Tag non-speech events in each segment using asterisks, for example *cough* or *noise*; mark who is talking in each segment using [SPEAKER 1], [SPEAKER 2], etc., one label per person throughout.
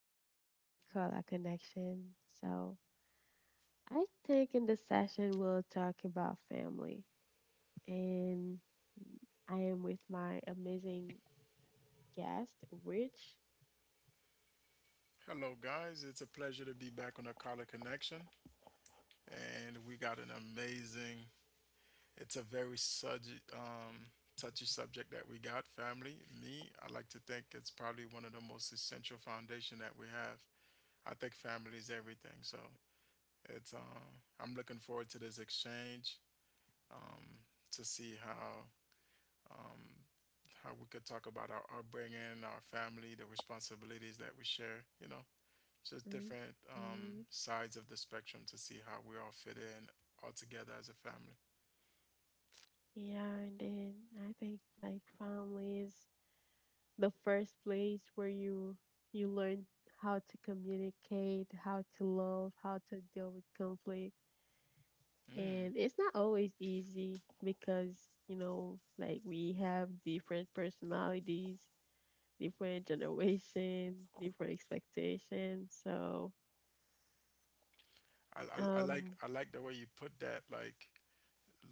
[SPEAKER 1] back to Color Connection. So, I think in this session we'll talk about family, and I am with my amazing guest, Rich.
[SPEAKER 2] Hello, guys. It's a pleasure to be back on the Collar Connection, and we got an amazing. It's a very subject, touchy subject that we got. Family, me, I like to think it's probably one of the most essential foundation that we have. I think family is everything. So it's. I'm looking forward to this exchange, um, to see how, um, how we could talk about our upbringing, our family, the responsibilities that we share. You know, just different,
[SPEAKER 1] Hmm.
[SPEAKER 2] sides of the spectrum to see how we all fit in all together as a family.
[SPEAKER 1] Yeah, and then I think like family is the first place where you learn how to communicate, how to love, how to deal with conflict.
[SPEAKER 2] Mm.
[SPEAKER 1] And it's not always easy because, like we have different personalities, different generation, different expectations. So,
[SPEAKER 2] I
[SPEAKER 1] um,
[SPEAKER 2] I like the way you put that.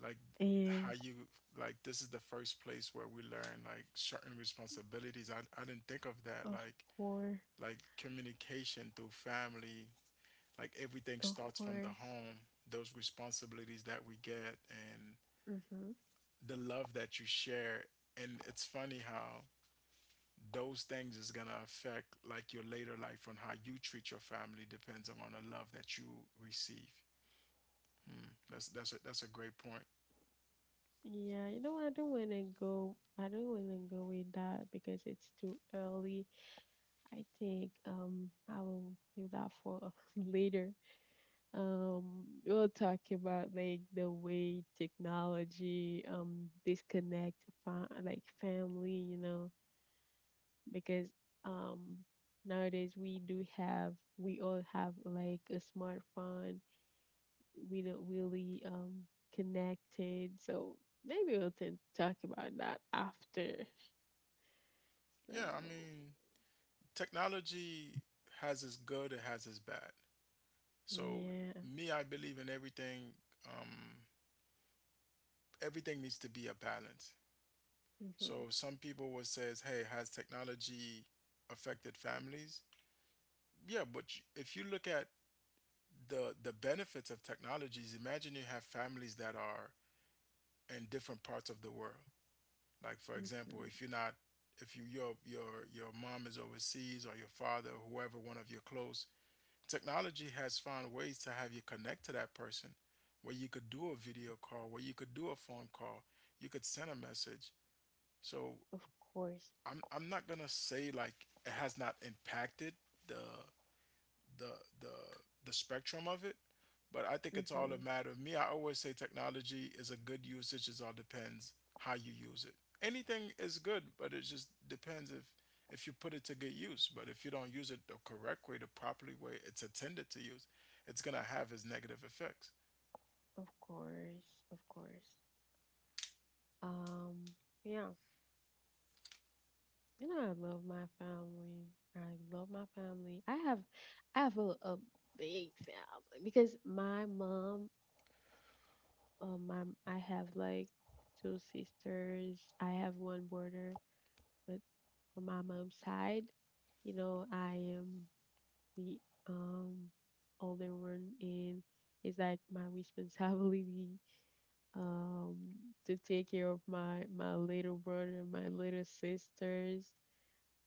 [SPEAKER 2] Like how
[SPEAKER 1] and
[SPEAKER 2] you like this is the first place where we learn like certain responsibilities. I didn't think of that.
[SPEAKER 1] of course,
[SPEAKER 2] Like communication through family. Like everything
[SPEAKER 1] of
[SPEAKER 2] starts from the
[SPEAKER 1] course.
[SPEAKER 2] home. Those responsibilities that we get and
[SPEAKER 1] hmm
[SPEAKER 2] the love that you share. And it's funny how those things is gonna affect like your later life on how you treat your family depends on the love that you receive. Hmm. That's a great point.
[SPEAKER 1] yeah, I don't want to go, I don't want to go with that because it's too early. I think, I will do that for *laughs* later. Um, we'll talk about like the way technology disconnect like family, because um nowadays we all have like a smartphone. We don't really connected, so maybe we'll talk about that after. So
[SPEAKER 2] Yeah, I mean, technology has its good, it has its bad. So
[SPEAKER 1] yeah.
[SPEAKER 2] me, I believe in everything. Um, Everything needs to be a balance.
[SPEAKER 1] Mm-hmm.
[SPEAKER 2] So some people will says, "Hey, has technology affected families?" Yeah, but you- if you look at the benefits of technologies, imagine you have families that are in different parts of the world. Like for example,
[SPEAKER 1] Mm-hmm.
[SPEAKER 2] if you're not if you your mom is overseas or your father or whoever one of your close technology has found ways to have you connect to that person where you could do a video call, where you could do a phone call, you could send a message. So
[SPEAKER 1] Of course.
[SPEAKER 2] I'm not gonna say like it has not impacted the the the the spectrum of it. But I think it's all
[SPEAKER 1] Mm-hmm.
[SPEAKER 2] a matter of me. I always say technology is a good usage. It all depends how you use it. Anything is good, but it just depends if you put it to good use. But if you don't use it the correct way, the properly way it's intended to use, it's gonna have its negative effects.
[SPEAKER 1] Of course. Of course. Um, yeah. I love my family. I love my family. I have a big family because my mom, my I have like two sisters. I have one brother, but from my mom's side, I am the um older one, and it's like my responsibility *laughs* um to take care of my little brother, my little sisters.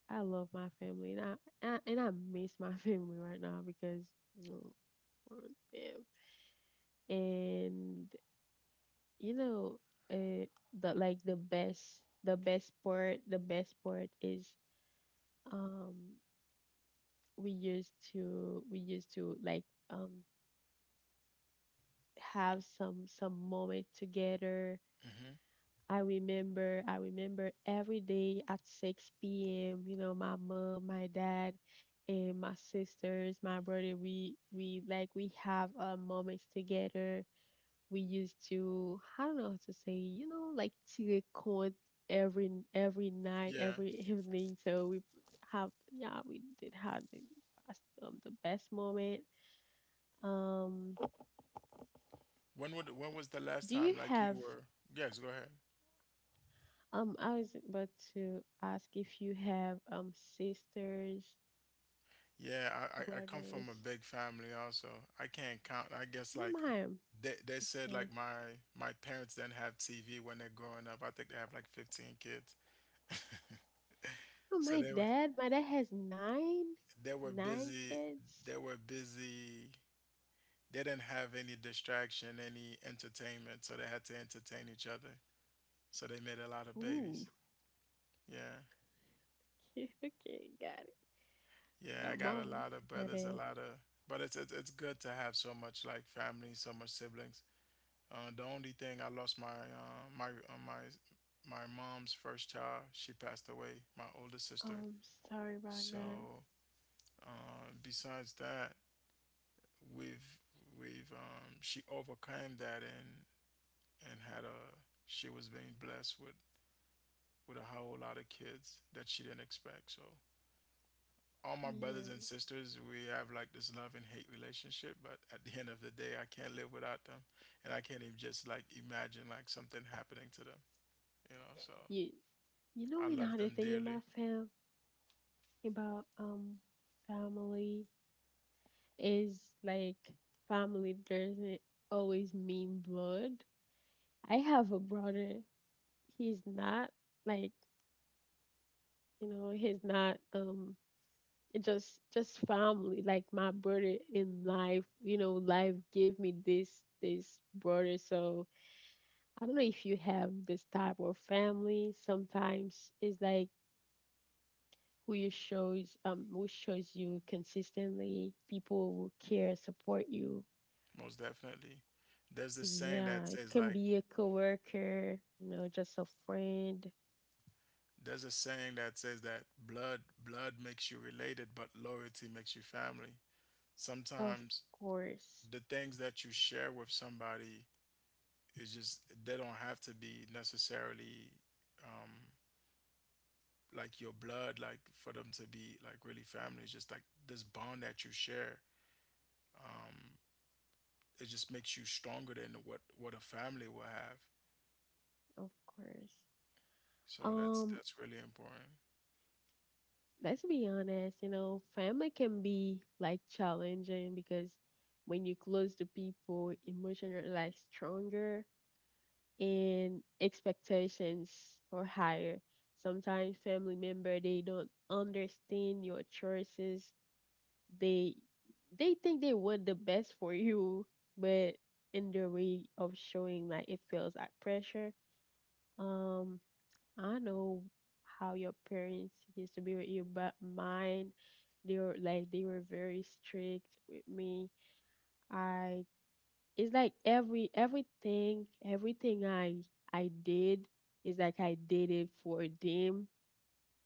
[SPEAKER 1] I love my family, and I and I miss my *laughs* family right now because you know, we're bam. And you know, uh, the like the best part is um we used to like um have some moment together.
[SPEAKER 2] hmm
[SPEAKER 1] I remember every day at 6 p.m., my mom, my dad, and my sisters, my brother, we have moments together. We used to, I don't know how to say, like teleconte every night,
[SPEAKER 2] Yeah.
[SPEAKER 1] every *laughs* evening. So we have, yeah, we did have the best moment. Um,
[SPEAKER 2] When would when was the last
[SPEAKER 1] do you
[SPEAKER 2] time like you
[SPEAKER 1] have
[SPEAKER 2] were? Yes, go ahead.
[SPEAKER 1] I was about to ask if you have sisters,
[SPEAKER 2] Yeah, I come from a
[SPEAKER 1] brothers.
[SPEAKER 2] big family also. I can't count. I guess
[SPEAKER 1] No,
[SPEAKER 2] like
[SPEAKER 1] mine.
[SPEAKER 2] they said like
[SPEAKER 1] Okay.
[SPEAKER 2] my parents didn't have TV when they're growing up. I think they have like 15 kids.
[SPEAKER 1] No,
[SPEAKER 2] So
[SPEAKER 1] my
[SPEAKER 2] they were
[SPEAKER 1] dad. My dad has
[SPEAKER 2] they were
[SPEAKER 1] nine
[SPEAKER 2] busy.
[SPEAKER 1] kids.
[SPEAKER 2] They were busy. They didn't have any distraction, any entertainment, so they had to entertain each other. So they made a lot of babies.
[SPEAKER 1] Ooh. *laughs*
[SPEAKER 2] Yeah.
[SPEAKER 1] Okay, okay, got it.
[SPEAKER 2] Yeah, I got a
[SPEAKER 1] Mom,
[SPEAKER 2] lot of
[SPEAKER 1] my
[SPEAKER 2] brothers, a
[SPEAKER 1] dad.
[SPEAKER 2] lot of but it's good to have so much like family, so much siblings. The only thing I lost my my my my mom's first child. She passed away. My older sister.
[SPEAKER 1] Um, sorry about
[SPEAKER 2] So
[SPEAKER 1] that.
[SPEAKER 2] besides that, we've we've she overcame that and had a she was being blessed with a whole lot of kids that she didn't expect. So all my brothers and
[SPEAKER 1] Yeah.
[SPEAKER 2] sisters, we have like this love and hate relationship. But at the end of the day, I can't live without them, and I can't even just like imagine like something happening to them. You know, so
[SPEAKER 1] You, you know
[SPEAKER 2] I love
[SPEAKER 1] another
[SPEAKER 2] them
[SPEAKER 1] thing about
[SPEAKER 2] dearly,
[SPEAKER 1] about family is like family doesn't always mean blood. I have a brother. He's not like He's not. It just family. Like my brother in life. Life gave me this brother. So I don't know if you have this type of family. Sometimes it's like who shows you consistently. People who care, support you.
[SPEAKER 2] most definitely. There's this saying
[SPEAKER 1] Yeah,
[SPEAKER 2] that
[SPEAKER 1] it
[SPEAKER 2] says
[SPEAKER 1] can
[SPEAKER 2] like
[SPEAKER 1] be a coworker. Just a friend.
[SPEAKER 2] there's a saying that says that blood makes you related, but loyalty makes you family.
[SPEAKER 1] Of
[SPEAKER 2] Sometimes
[SPEAKER 1] course,
[SPEAKER 2] the things that you share with somebody is just they don't have to be necessarily um like your blood, like for them to be like really family. It's just like this bond that you share. Um it just makes you stronger than what a family will have.
[SPEAKER 1] of course.
[SPEAKER 2] So that's
[SPEAKER 1] Um,
[SPEAKER 2] that's really important.
[SPEAKER 1] let's be honest, family can be like challenging because when you're close to people, emotions are like stronger and expectations are higher. Sometimes family member they don't understand your choices. They they think they want the best for you, but in their way of showing like it feels like pressure. Um I know how your parents used to be with you, but mine, they were very strict with me. I it's like every everything everything I did is like I did it for them,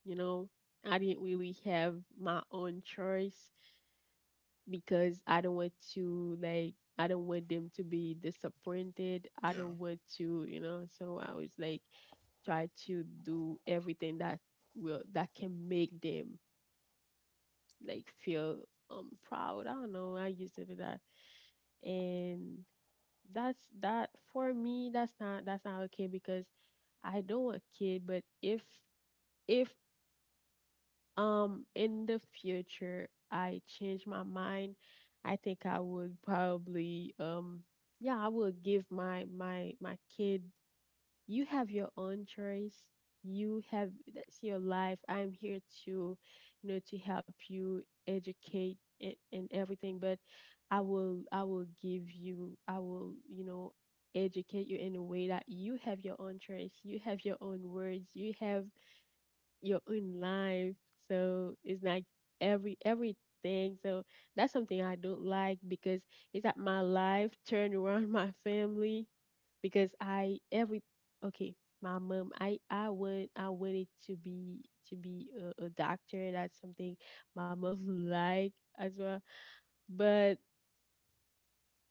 [SPEAKER 1] you know. I didn't really have my own choice because I don't want them to be disappointed. I
[SPEAKER 2] Yeah.
[SPEAKER 1] don't want to, so I was like try to do everything that can make them like feel proud. I don't know. I used to do that, and that's that for me. That's not okay because I don't want kid. But if in the future I change my mind, I think I would probably yeah I would give my kid, you have your own choice, you have that's your life, I'm here to to help you educate, and everything, but I will give you, I will educate you in a way that you have your own choice, you have your own words, you have your own life. So it's like everything. So that's something I don't like because it's like my life turned around *laughs* my family because I every okay my mom, I wanted to be a doctor. That's something my mom *laughs* like as well. But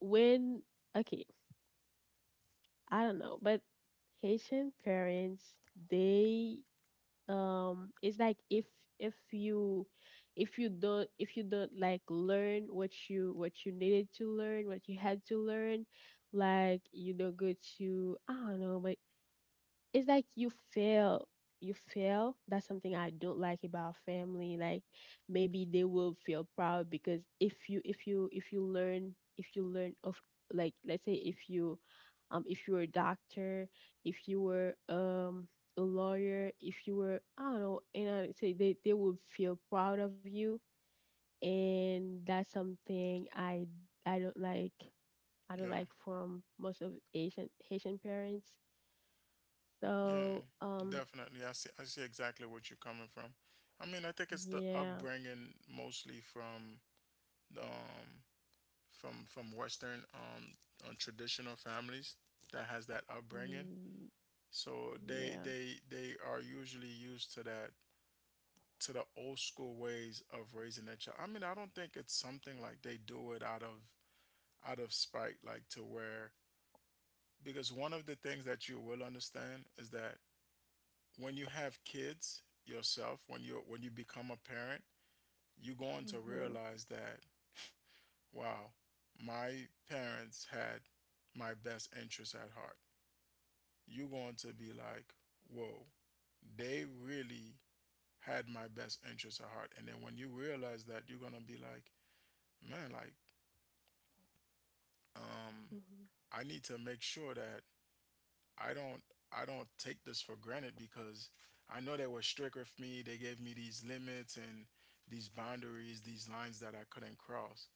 [SPEAKER 1] when okay I don't know but Haitian parents they it's like if you if you don't like learn what you needed to learn what you had to learn like you don't go to I don't know but it's like you feel that's something I don't like about family. Like maybe they will feel proud because if you learn of, like, let's say if you were a doctor, if you were a lawyer, if you were I don't know, and I say they would feel proud of you, and that's something I don't like. I
[SPEAKER 2] Yeah,
[SPEAKER 1] don't like from most of Asian Haitian parents.
[SPEAKER 2] yeah,
[SPEAKER 1] So
[SPEAKER 2] definitely. I see. I see exactly what you're coming from. I mean, I think it's the
[SPEAKER 1] yeah.
[SPEAKER 2] upbringing mostly from the from Western, traditional families that has that upbringing.
[SPEAKER 1] Mm.
[SPEAKER 2] So they
[SPEAKER 1] Yeah.
[SPEAKER 2] they they are usually used to that to the old school ways of raising their child. I mean, I don't think it's something like they do it out of spite, like to where because one of the things that you will understand is that when you have kids yourself, when you become a parent, you're going to
[SPEAKER 1] Mm-hmm.
[SPEAKER 2] realize that wow, my parents had my best interest at heart. You're going to be like, whoa, they really had my best interest at heart. And then when you realize that, you're gonna be like, man, like, um,
[SPEAKER 1] Mm-hmm.
[SPEAKER 2] I need to make sure that I don't I don't take this for granted because I know they were strict with me. They gave me these limits and these boundaries, these lines that I couldn't cross.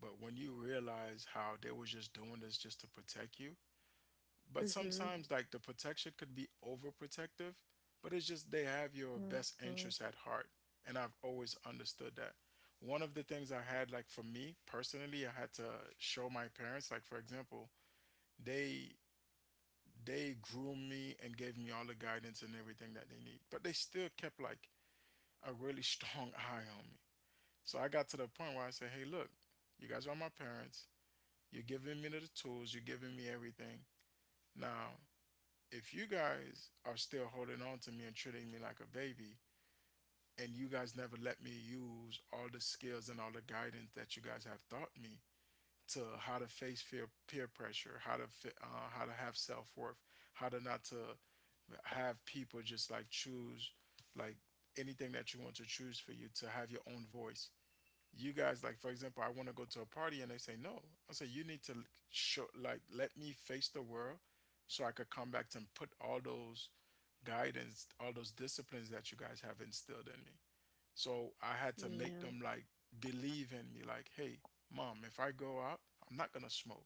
[SPEAKER 2] But when you realize how they were just doing this just to protect you, but
[SPEAKER 1] Mm-hmm.
[SPEAKER 2] sometimes like the protection could be overprotective, but it's just they have your best
[SPEAKER 1] Mm-hmm.
[SPEAKER 2] interest at heart. And I've always understood that. One of the things I had like for me personally, I had to show my parents, like for example, they they groomed me and gave me all the guidance and everything that they need. But they still kept like a really strong *laughs* eye on me. So I got to the point where I said, hey, look, you guys are my parents. You're giving me the tools. You're giving me everything. Now, if you guys are still holding on to me and treating me like a baby, and you guys never let me use all the skills and all the guidance that you guys have taught me, to how to face fear, peer pressure, how to have self worth, how to not to have people just like choose like anything that you want to choose for you to have your own voice. You guys like for example, I want to go to a party and they say no. I say you need to show like let me face the world so I could come back to and put all those guidance, all those disciplines that you guys have instilled in me. So I had to make
[SPEAKER 1] Yeah.
[SPEAKER 2] them like believe in me, like, hey, mom, if I go out, I'm not gonna smoke.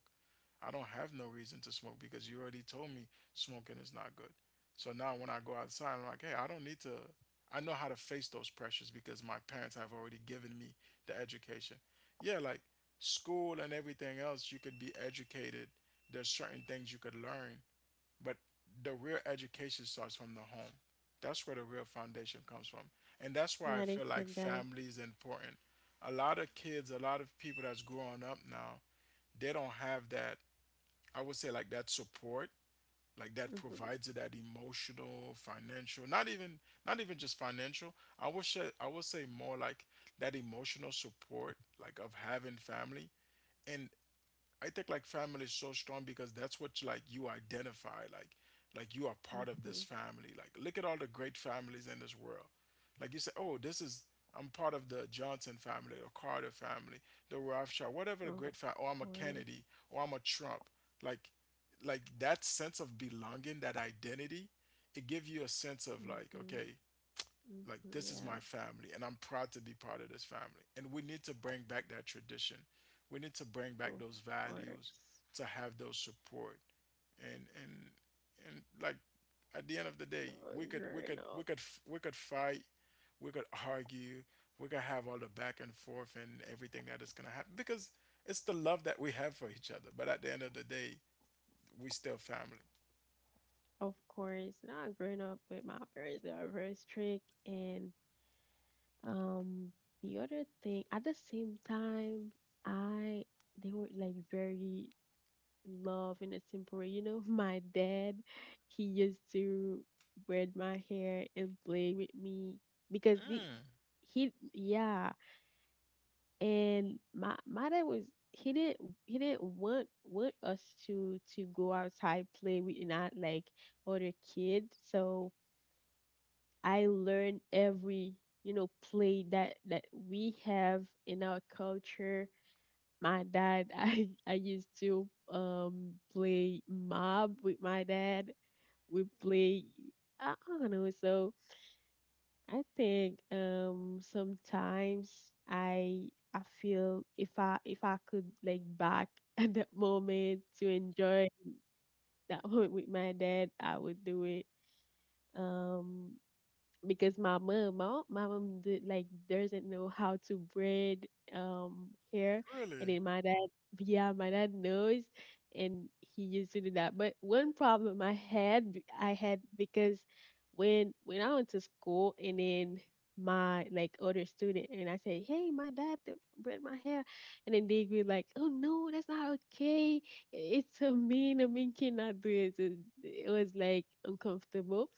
[SPEAKER 2] I don't have no reason to smoke because you already told me smoking is not good. So now when I go outside, I'm like, hey, I don't need to. I know how to face those pressures because my parents have already given me the education. Yeah, like school and everything else, you could be educated. There's certain things you could learn, but the real education starts from the home. That's where the real foundation comes from. And that's why I
[SPEAKER 1] Yeah, they
[SPEAKER 2] feel like
[SPEAKER 1] said that.
[SPEAKER 2] family is important. A lot of kids, a lot of people that's growing up now, they don't have that, I would say like that support, like that
[SPEAKER 1] Mm-hmm.
[SPEAKER 2] provides it that emotional, financial, not even not even just financial. I would say more like that emotional support, like of having family. And I think like family is so strong because that's what like you identify like you are part of
[SPEAKER 1] Mm-hmm.
[SPEAKER 2] this family. Like look at all the great families in this world. Like you say, oh, this is I'm part of the Johnson family, the Carter family, the Rothschild, whatever the
[SPEAKER 1] Of
[SPEAKER 2] great family. Or I'm a
[SPEAKER 1] course.
[SPEAKER 2] Kennedy, or I'm a Trump. Like like that sense of belonging, that identity, it gives you a sense of like
[SPEAKER 1] Mm-hmm.
[SPEAKER 2] okay like
[SPEAKER 1] Mm-hmm.
[SPEAKER 2] this is
[SPEAKER 1] Yeah.
[SPEAKER 2] my family and I'm proud to be part of this family. And we need to bring back that tradition. We need to bring back
[SPEAKER 1] Of
[SPEAKER 2] those values
[SPEAKER 1] course.
[SPEAKER 2] to have those support. And and and like at the end of the day,
[SPEAKER 1] Not growing up.
[SPEAKER 2] we could fight, we could argue, we could have all the back and forth and everything that is gonna happen because it's the love that we have for each other. But at the end of the day, we still family.
[SPEAKER 1] Of course. Not growing up with my parents. They are very strict. And um the other thing at the same time, I they were like very love in a simple way. *laughs* My dad, he used to braid my hair and play with me because
[SPEAKER 2] Mm,
[SPEAKER 1] he yeah, and my dad was he didn't he didn't want us to go outside play with not like other kids. So I learned every, play that we have in our culture. My dad, *laughs* I used to play mob with my dad. We play, I don't know, so I think sometimes i I feel, if I could like back *laughs* at that moment to enjoy that *laughs* moment with my dad, I would do it, um because my mom, like doesn't know how to braid hair, and
[SPEAKER 2] really?
[SPEAKER 1] then my dad, yeah, my dad knows, and he used to do that. But one problem I had, I had, because when I went to school, and then my, like, other student, and I said, hey, my dad braid my hair, and then they were like, oh no, that's not okay. It's so mean. A mean cannot do it. It was like uncomfortable,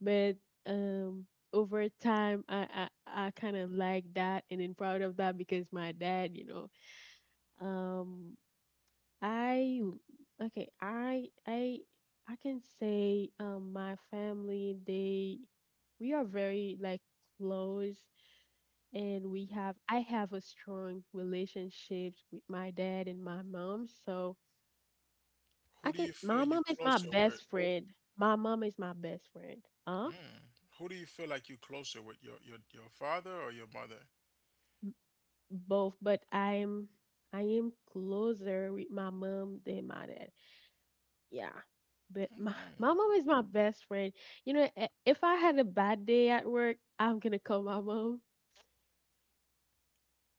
[SPEAKER 1] but. Um, over time I kind of like that and then proud of that because my dad, um I okay, I can say my family, they we are very like close, and we have I have a strong relationship with my dad and my mom, so
[SPEAKER 2] Who
[SPEAKER 1] I
[SPEAKER 2] do
[SPEAKER 1] can
[SPEAKER 2] you
[SPEAKER 1] my
[SPEAKER 2] feel you
[SPEAKER 1] mom is my
[SPEAKER 2] closer with?
[SPEAKER 1] best friend. My mom is my best friend. Huh?
[SPEAKER 2] Mm. Who do you feel like you're closer with, your father or your mother?
[SPEAKER 1] Both, but I am closer with my mom than my dad. Yeah. But
[SPEAKER 2] Okay.
[SPEAKER 1] my *laughs* my mom is my best friend. If I had a bad day at work, I'm gonna call my mom.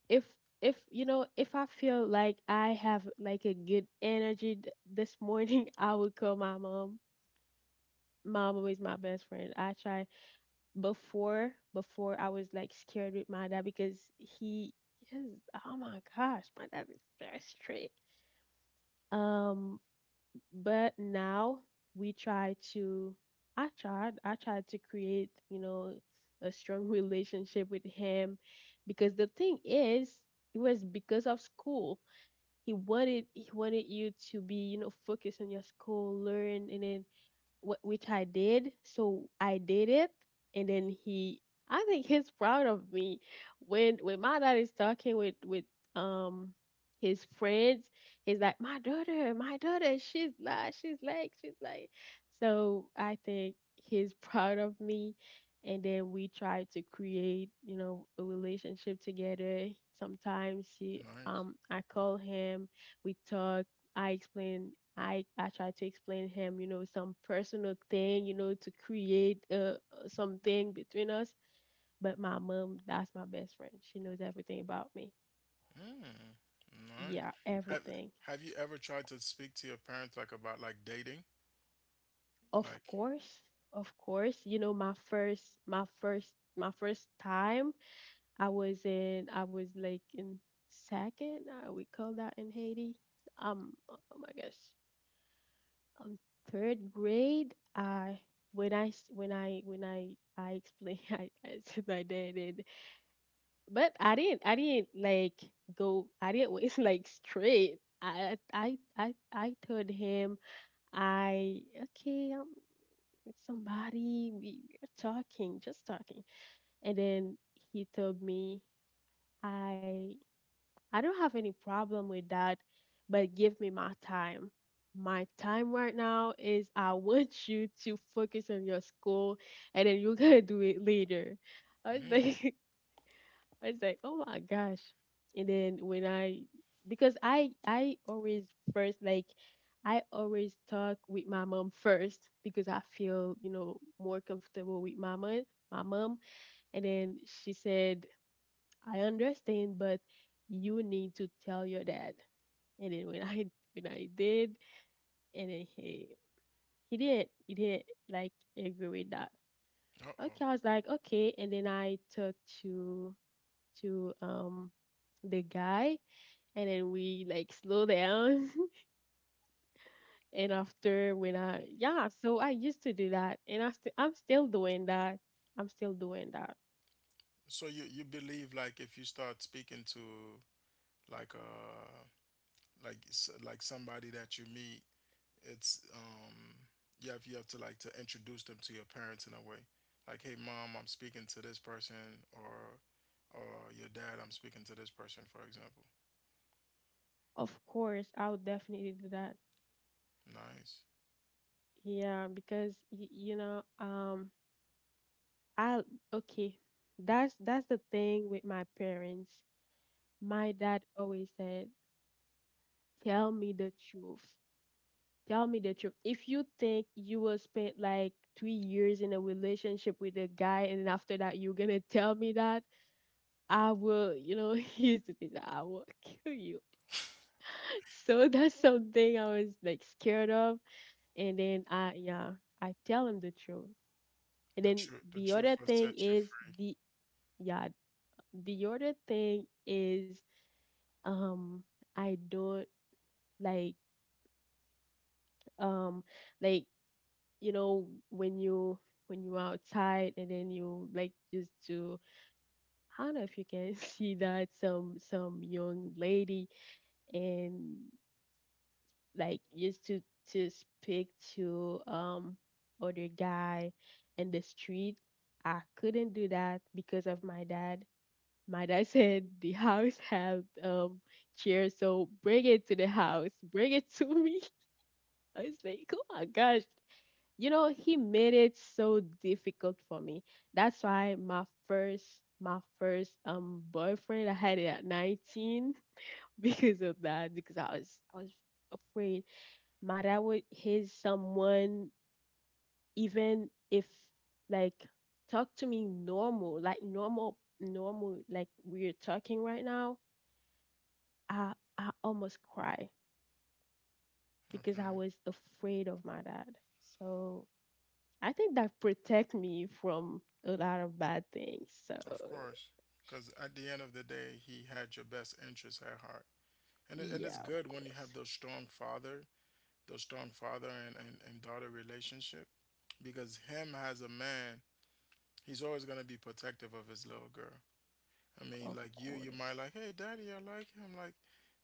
[SPEAKER 1] If if if I feel like I have like a good energy this morning, *laughs* I would call my mom. My mom is my best friend. I try before before I was like scared with my dad because he is oh my gosh, my dad is very strict. Um, but now we try to I tried to create, a strong *laughs* relationship with him because the thing is it was because of school, he wanted you to be, focused on your school learn, and then which I did. So I did it, and then I think he's proud of me. When my dad is talking with um his friends, he's like, my daughter, she's like. So I think he's proud of me. And then we try to create, a relationship together. Sometimes
[SPEAKER 2] Nice.
[SPEAKER 1] I call him, we talk, I try to explain him, some personal thing, to create something between us. But my mom, that's my best friend. She knows everything about me.
[SPEAKER 2] Mm. Nice.
[SPEAKER 1] Yeah,
[SPEAKER 2] Have
[SPEAKER 1] everything.
[SPEAKER 2] Have you ever tried to speak to your parents like about like dating? Like,
[SPEAKER 1] Of course, of course. My first time I was in, I was like in second, we call that in Haiti. Oh my gosh. Um, third grade, I when I s- when I when I explained, *laughs* I said I did it, but I didn't went *laughs* like straight. I told him. I okay With somebody, we were talking, just talking, and then he told me, i I don't have any problem with that, but give me my time. My time right now is I want *laughs* you to focus on your school, and then you're gonna do it later. I was
[SPEAKER 2] mm,
[SPEAKER 1] like, *laughs* I was like, oh my gosh. And then when I, because I always first, like, I always talk with my mom first because I feel, you know, more comfortable with my mom my mom. And then she said, I understand, but you need to tell your dad. And then when I, when I did, and then he he did like agree with that.
[SPEAKER 2] uh-oh.
[SPEAKER 1] Okay, I was like okay, and then I talked to to um the guy, and then we like slow down. *laughs* And after, when I, yeah, so I used to do that, and I'm still doing that. I'm still doing that.
[SPEAKER 2] So you believe, like, if you start speaking to like uh like like somebody that you meet, it's you have to, like, to introduce them to your parents in a way, like, "Hey mom, I'm speaking to this person," or your dad, "I'm speaking to this person," for example.
[SPEAKER 1] Of course, I would definitely do that.
[SPEAKER 2] Nice.
[SPEAKER 1] Yeah, because you know, I okay that's the thing with my parents. My dad always said, tell me the truth. Tell me the truth. If you think you will spend like 3 years in a relationship with a guy and after that you're gonna tell me that, I will, *laughs* here's the thing, I will kill you. *laughs* So that's something I was like scared of. And then I, yeah, I tell him the truth. And
[SPEAKER 2] The
[SPEAKER 1] then
[SPEAKER 2] truth, the
[SPEAKER 1] the
[SPEAKER 2] truth
[SPEAKER 1] other
[SPEAKER 2] will
[SPEAKER 1] thing
[SPEAKER 2] set you
[SPEAKER 1] is
[SPEAKER 2] free.
[SPEAKER 1] the, yeah, the other thing is, um, I don't like, um, like you know when you, when you are outside and then you like just to, I don't know if you can *laughs* see that, some young lady and like used to speak to other guy in the street. I couldn't do that because of my dad. My dad *laughs* said the house had chairs, so bring it to the house, bring it to me. *laughs* I was like, oh my gosh. You know, he made it so difficult for me. That's why my first, my first boyfriend, I had it at 19. *laughs* Because of that, because I was afraid my dad would hit someone, even if, like, talk to me normal, like normal normal, like we're talking right now. i I almost cry because I
[SPEAKER 2] Okay.
[SPEAKER 1] was afraid of my dad. So I think that protect me from a lot of bad things. So
[SPEAKER 2] Of course, because at the end of the day, he had your best interest at heart. And, and it's
[SPEAKER 1] yeah, of
[SPEAKER 2] good when you have
[SPEAKER 1] course,
[SPEAKER 2] those strong father, those strong father and daughter relationship. Because him, as a man, he's always going to be protective of his little girl. I mean,
[SPEAKER 1] of
[SPEAKER 2] like, you might
[SPEAKER 1] course,
[SPEAKER 2] like, "Hey, daddy, I like him."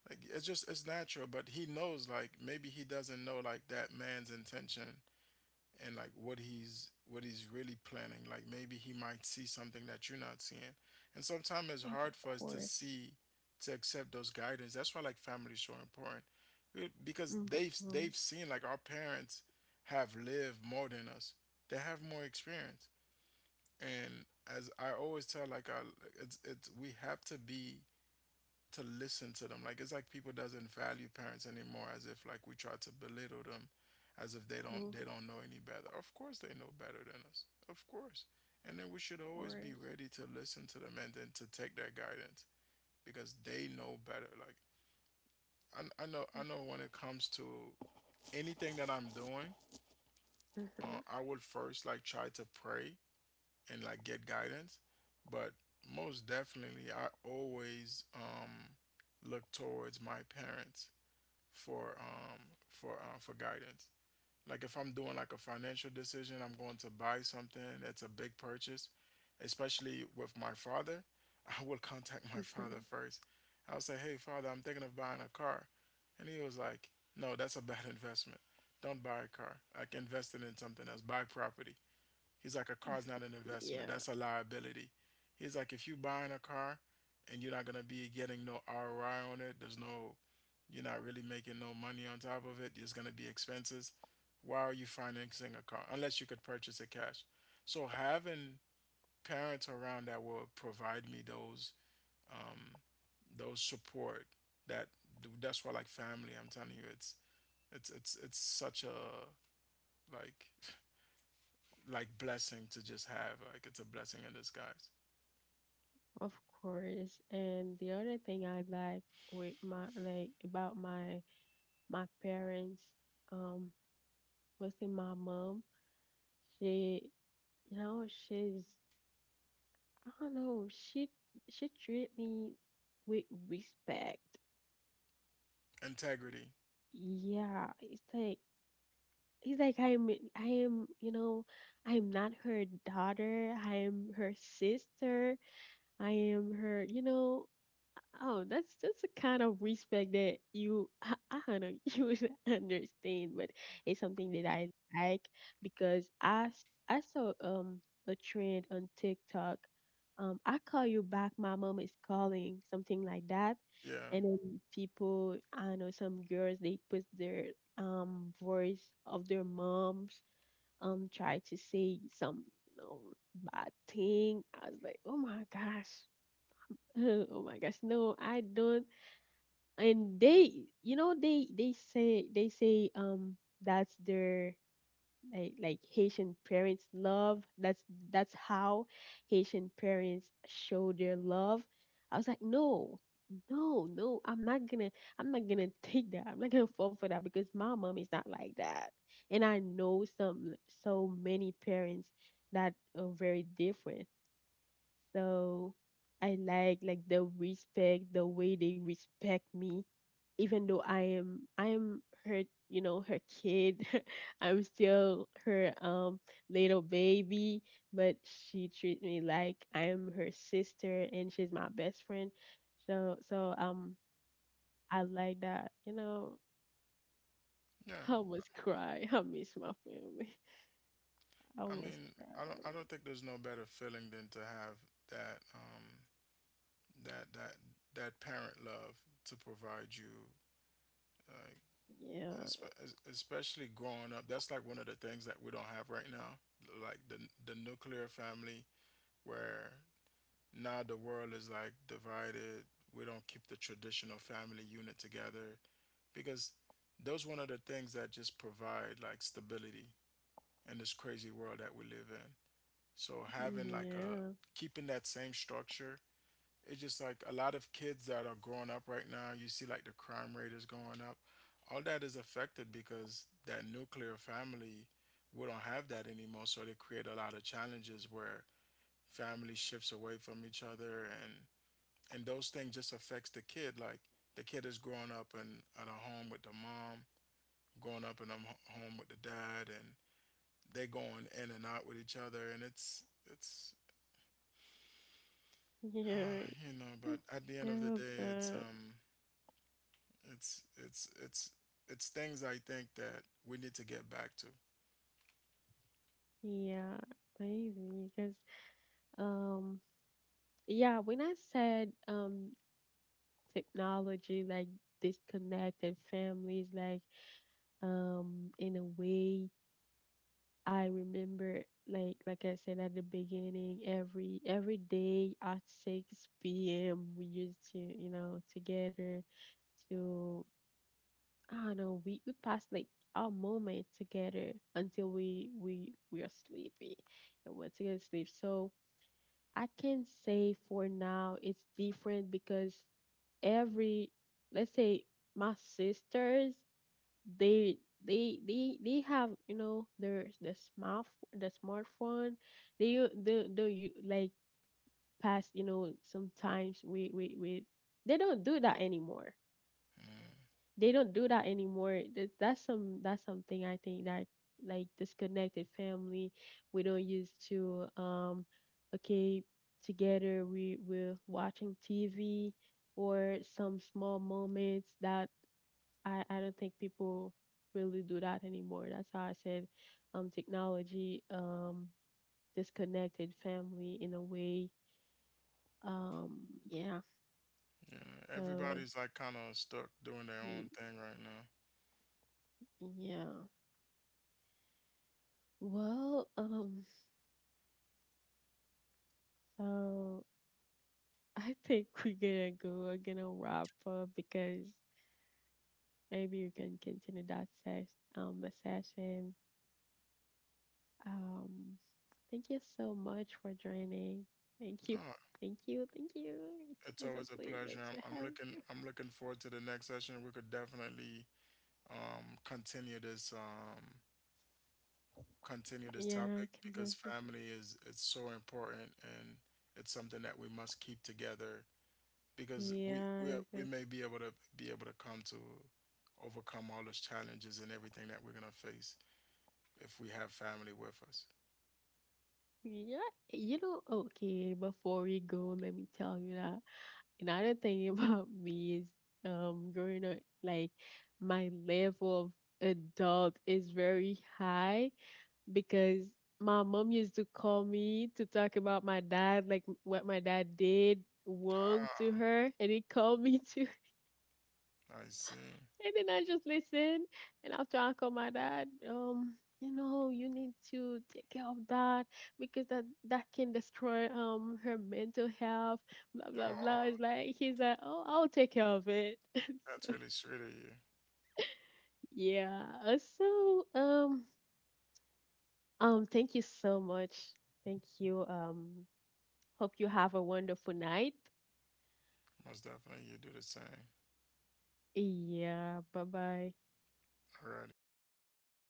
[SPEAKER 2] like it's just, it's natural. But he knows, like, maybe he doesn't know, like, that man's intention and like what he's, what he's really planning. Like, maybe he might see something that you're not seeing. And sometimes it's
[SPEAKER 1] of
[SPEAKER 2] hard for us to
[SPEAKER 1] course.
[SPEAKER 2] see, to accept those guidance. That's why, like, family is so important. Because
[SPEAKER 1] Mhm,
[SPEAKER 2] they've seen, like, our parents have lived more than us. They have more experience. And, as I always tell, like, I, it's we have to be, to listen to them. Like, it's like people doesn't value parents anymore, as if, like, we try to belittle them, as if
[SPEAKER 1] of
[SPEAKER 2] they don't know any better. Of course they know better than us, of course. And then we should always be
[SPEAKER 1] course.
[SPEAKER 2] ready to listen to them and then to take their guidance because they know better. Like, I know, I know when it comes to anything that I'm doing,
[SPEAKER 1] Mm-hmm.
[SPEAKER 2] I will first, like, try to pray and, like, get guidance. But most definitely, I always, look towards my parents for um, for guidance. Like if I'm doing, like, a financial decision, I'm going to buy something that's a big purchase, especially with my father. *laughs* I will contact my father
[SPEAKER 1] Mm-hmm.
[SPEAKER 2] first. I'll say, "Hey, father, I'm thinking of buying a car," and he was like, "No, that's a bad *laughs* investment. Don't buy a car. Like, invest it in something else. Buy property." He's like, a car's not an
[SPEAKER 1] Yeah,
[SPEAKER 2] investment. That's a liability. He's like, if you are buying a car and you're not gonna be getting no ROI on it, there's no, you're not really making no money on top of it. There's gonna be expenses. Why are you financing a car unless you could purchase it cash? So having parents around that will provide me um, those support, that that's why, like, family, I'm telling you, it's it's it's such a, like, *laughs* like blessing to just have. Like, it's a blessing in disguise.
[SPEAKER 1] of course. And the other thing I like with my, like, about my my parents, um, was in my mom. She, you know, she's, I don't know. She treat me with respect.
[SPEAKER 2] Integrity.
[SPEAKER 1] Yeah, it's like, he's like I'm, I am, you know, I'm not her daughter. I am her sister. I am her, you know. Oh, that's a kind of respect that you, I don't know *laughs* you would understand, but it's something that I like because I saw a trend on TikTok. I call you back. My mom is calling, something like that.
[SPEAKER 2] Yeah.
[SPEAKER 1] And then people, I know some girls, they put their voice of their moms, try to say some, bad thing. I was like, oh my gosh. *laughs* Oh my gosh, no, I don't. And they, you know, they say they say that's their, like Haitian parents love, that's how Haitian parents show their love. I was like no, no, no, I'm not gonna *laughs* take that. I'm not gonna fall for that because my mom is not like that. And I know some, so many parents that are very different. So I like the respect, the way they respect me. Even though I am, I am her, you know, her kid. *laughs* I'm still her little baby, but she treats me like I am her sister and she's my best friend. So so I like that, you know. *laughs*
[SPEAKER 2] Yeah.
[SPEAKER 1] I almost cry. *laughs* I miss my family. *laughs* I
[SPEAKER 2] I
[SPEAKER 1] almost
[SPEAKER 2] mean,
[SPEAKER 1] cry.
[SPEAKER 2] I don't think there's no better feeling than to have that that that parent love, to provide you, like,
[SPEAKER 1] Yeah.
[SPEAKER 2] especially growing up. That's, like, one of the things that we don't have right now. Like the nuclear family, where now the world is, like, divided. We don't keep the traditional family unit together, because those one of the things that just provide, like, stability in this crazy world that we live in. So having, like, a,
[SPEAKER 1] Yeah. *laughs*
[SPEAKER 2] keeping that same structure, it's just, like, a lot of kids that are growing up right now, you see, like, the crime rate is going up. All that is affected because that nuclear family, we don't have that anymore. So they create a lot of challenges where family shifts away from each other, and those things just affects the kid. Like, the kid is growing up in, at a home with the mom, growing up, and I'm home with the dad, and they going in and out with each other, and it's
[SPEAKER 1] Yeah.
[SPEAKER 2] *sighs* you know,
[SPEAKER 1] I
[SPEAKER 2] but at the end of the
[SPEAKER 1] feel
[SPEAKER 2] day,
[SPEAKER 1] that.
[SPEAKER 2] it's it's it's things, I think, that we need to get back to.
[SPEAKER 1] Yeah, amazing. Because, um, yeah, when I said technology like disconnected families, like, in a way, I remember, like I said at the beginning, every day at 6 p.m. we used to, you know, together to, I don't know, we passed like our moment together until we are sleepy and went to go to sleep. So I can say for now it's different because every, let's say, my sisters, they they have, you know, their, the smartphone. They, you like, past, you know, sometimes we they don't do that anymore.
[SPEAKER 2] Mm.
[SPEAKER 1] They don't do that anymore. That that's something I think that, like, disconnected family. We don't used to okay together we were watching TV or some small moments that I don't think people really do that anymore. That's how I said technology disconnected family in a way. Um yeah.
[SPEAKER 2] Yeah,
[SPEAKER 1] So
[SPEAKER 2] everybody's like kind of stuck doing their
[SPEAKER 1] we,
[SPEAKER 2] own thing right now.
[SPEAKER 1] yeah. Well, so I think we're gonna go. We're gonna wrap up because maybe you can continue that sesh the session. Um, thank you so much for joining. Thank you,
[SPEAKER 2] No,
[SPEAKER 1] thank you, thank you.
[SPEAKER 2] it's
[SPEAKER 1] It's
[SPEAKER 2] always
[SPEAKER 1] a
[SPEAKER 2] a
[SPEAKER 1] pleasure
[SPEAKER 2] pleasure.
[SPEAKER 1] to
[SPEAKER 2] I'm looking,
[SPEAKER 1] have
[SPEAKER 2] I'm looking forward to the next session. We could definitely um continue this um continue
[SPEAKER 1] you.
[SPEAKER 2] this
[SPEAKER 1] Yeah,
[SPEAKER 2] topic, because
[SPEAKER 1] conversation.
[SPEAKER 2] family is, it's so important, and it's something that we must keep together, because we
[SPEAKER 1] Yeah,
[SPEAKER 2] we
[SPEAKER 1] it's
[SPEAKER 2] we
[SPEAKER 1] a-
[SPEAKER 2] may be able to come to, overcome all those challenges and everything that we're gonna face if we have family with us.
[SPEAKER 1] yeah. You know, okay. Before we go, let me tell you that another thing *laughs* about me is, growing up, like, my level of adult is very high because my mom used to call me to talk about my dad, like what my dad did wrong
[SPEAKER 2] Ah,
[SPEAKER 1] to her, and he called me to, *laughs*
[SPEAKER 2] I see.
[SPEAKER 1] and then I just listened. And after I called my dad, you know, you need to take care of that because that can destroy her mental health, blah blah blah.
[SPEAKER 2] Oh,
[SPEAKER 1] It's like, oh, I'll take care of it. *laughs*
[SPEAKER 2] that's
[SPEAKER 1] So,
[SPEAKER 2] really sweet of you.
[SPEAKER 1] yeah. So thank you so much. Thank you, hope you have a wonderful night.
[SPEAKER 2] Most definitely, you do the same.
[SPEAKER 1] Yeah, bye bye.
[SPEAKER 2] Alrighty.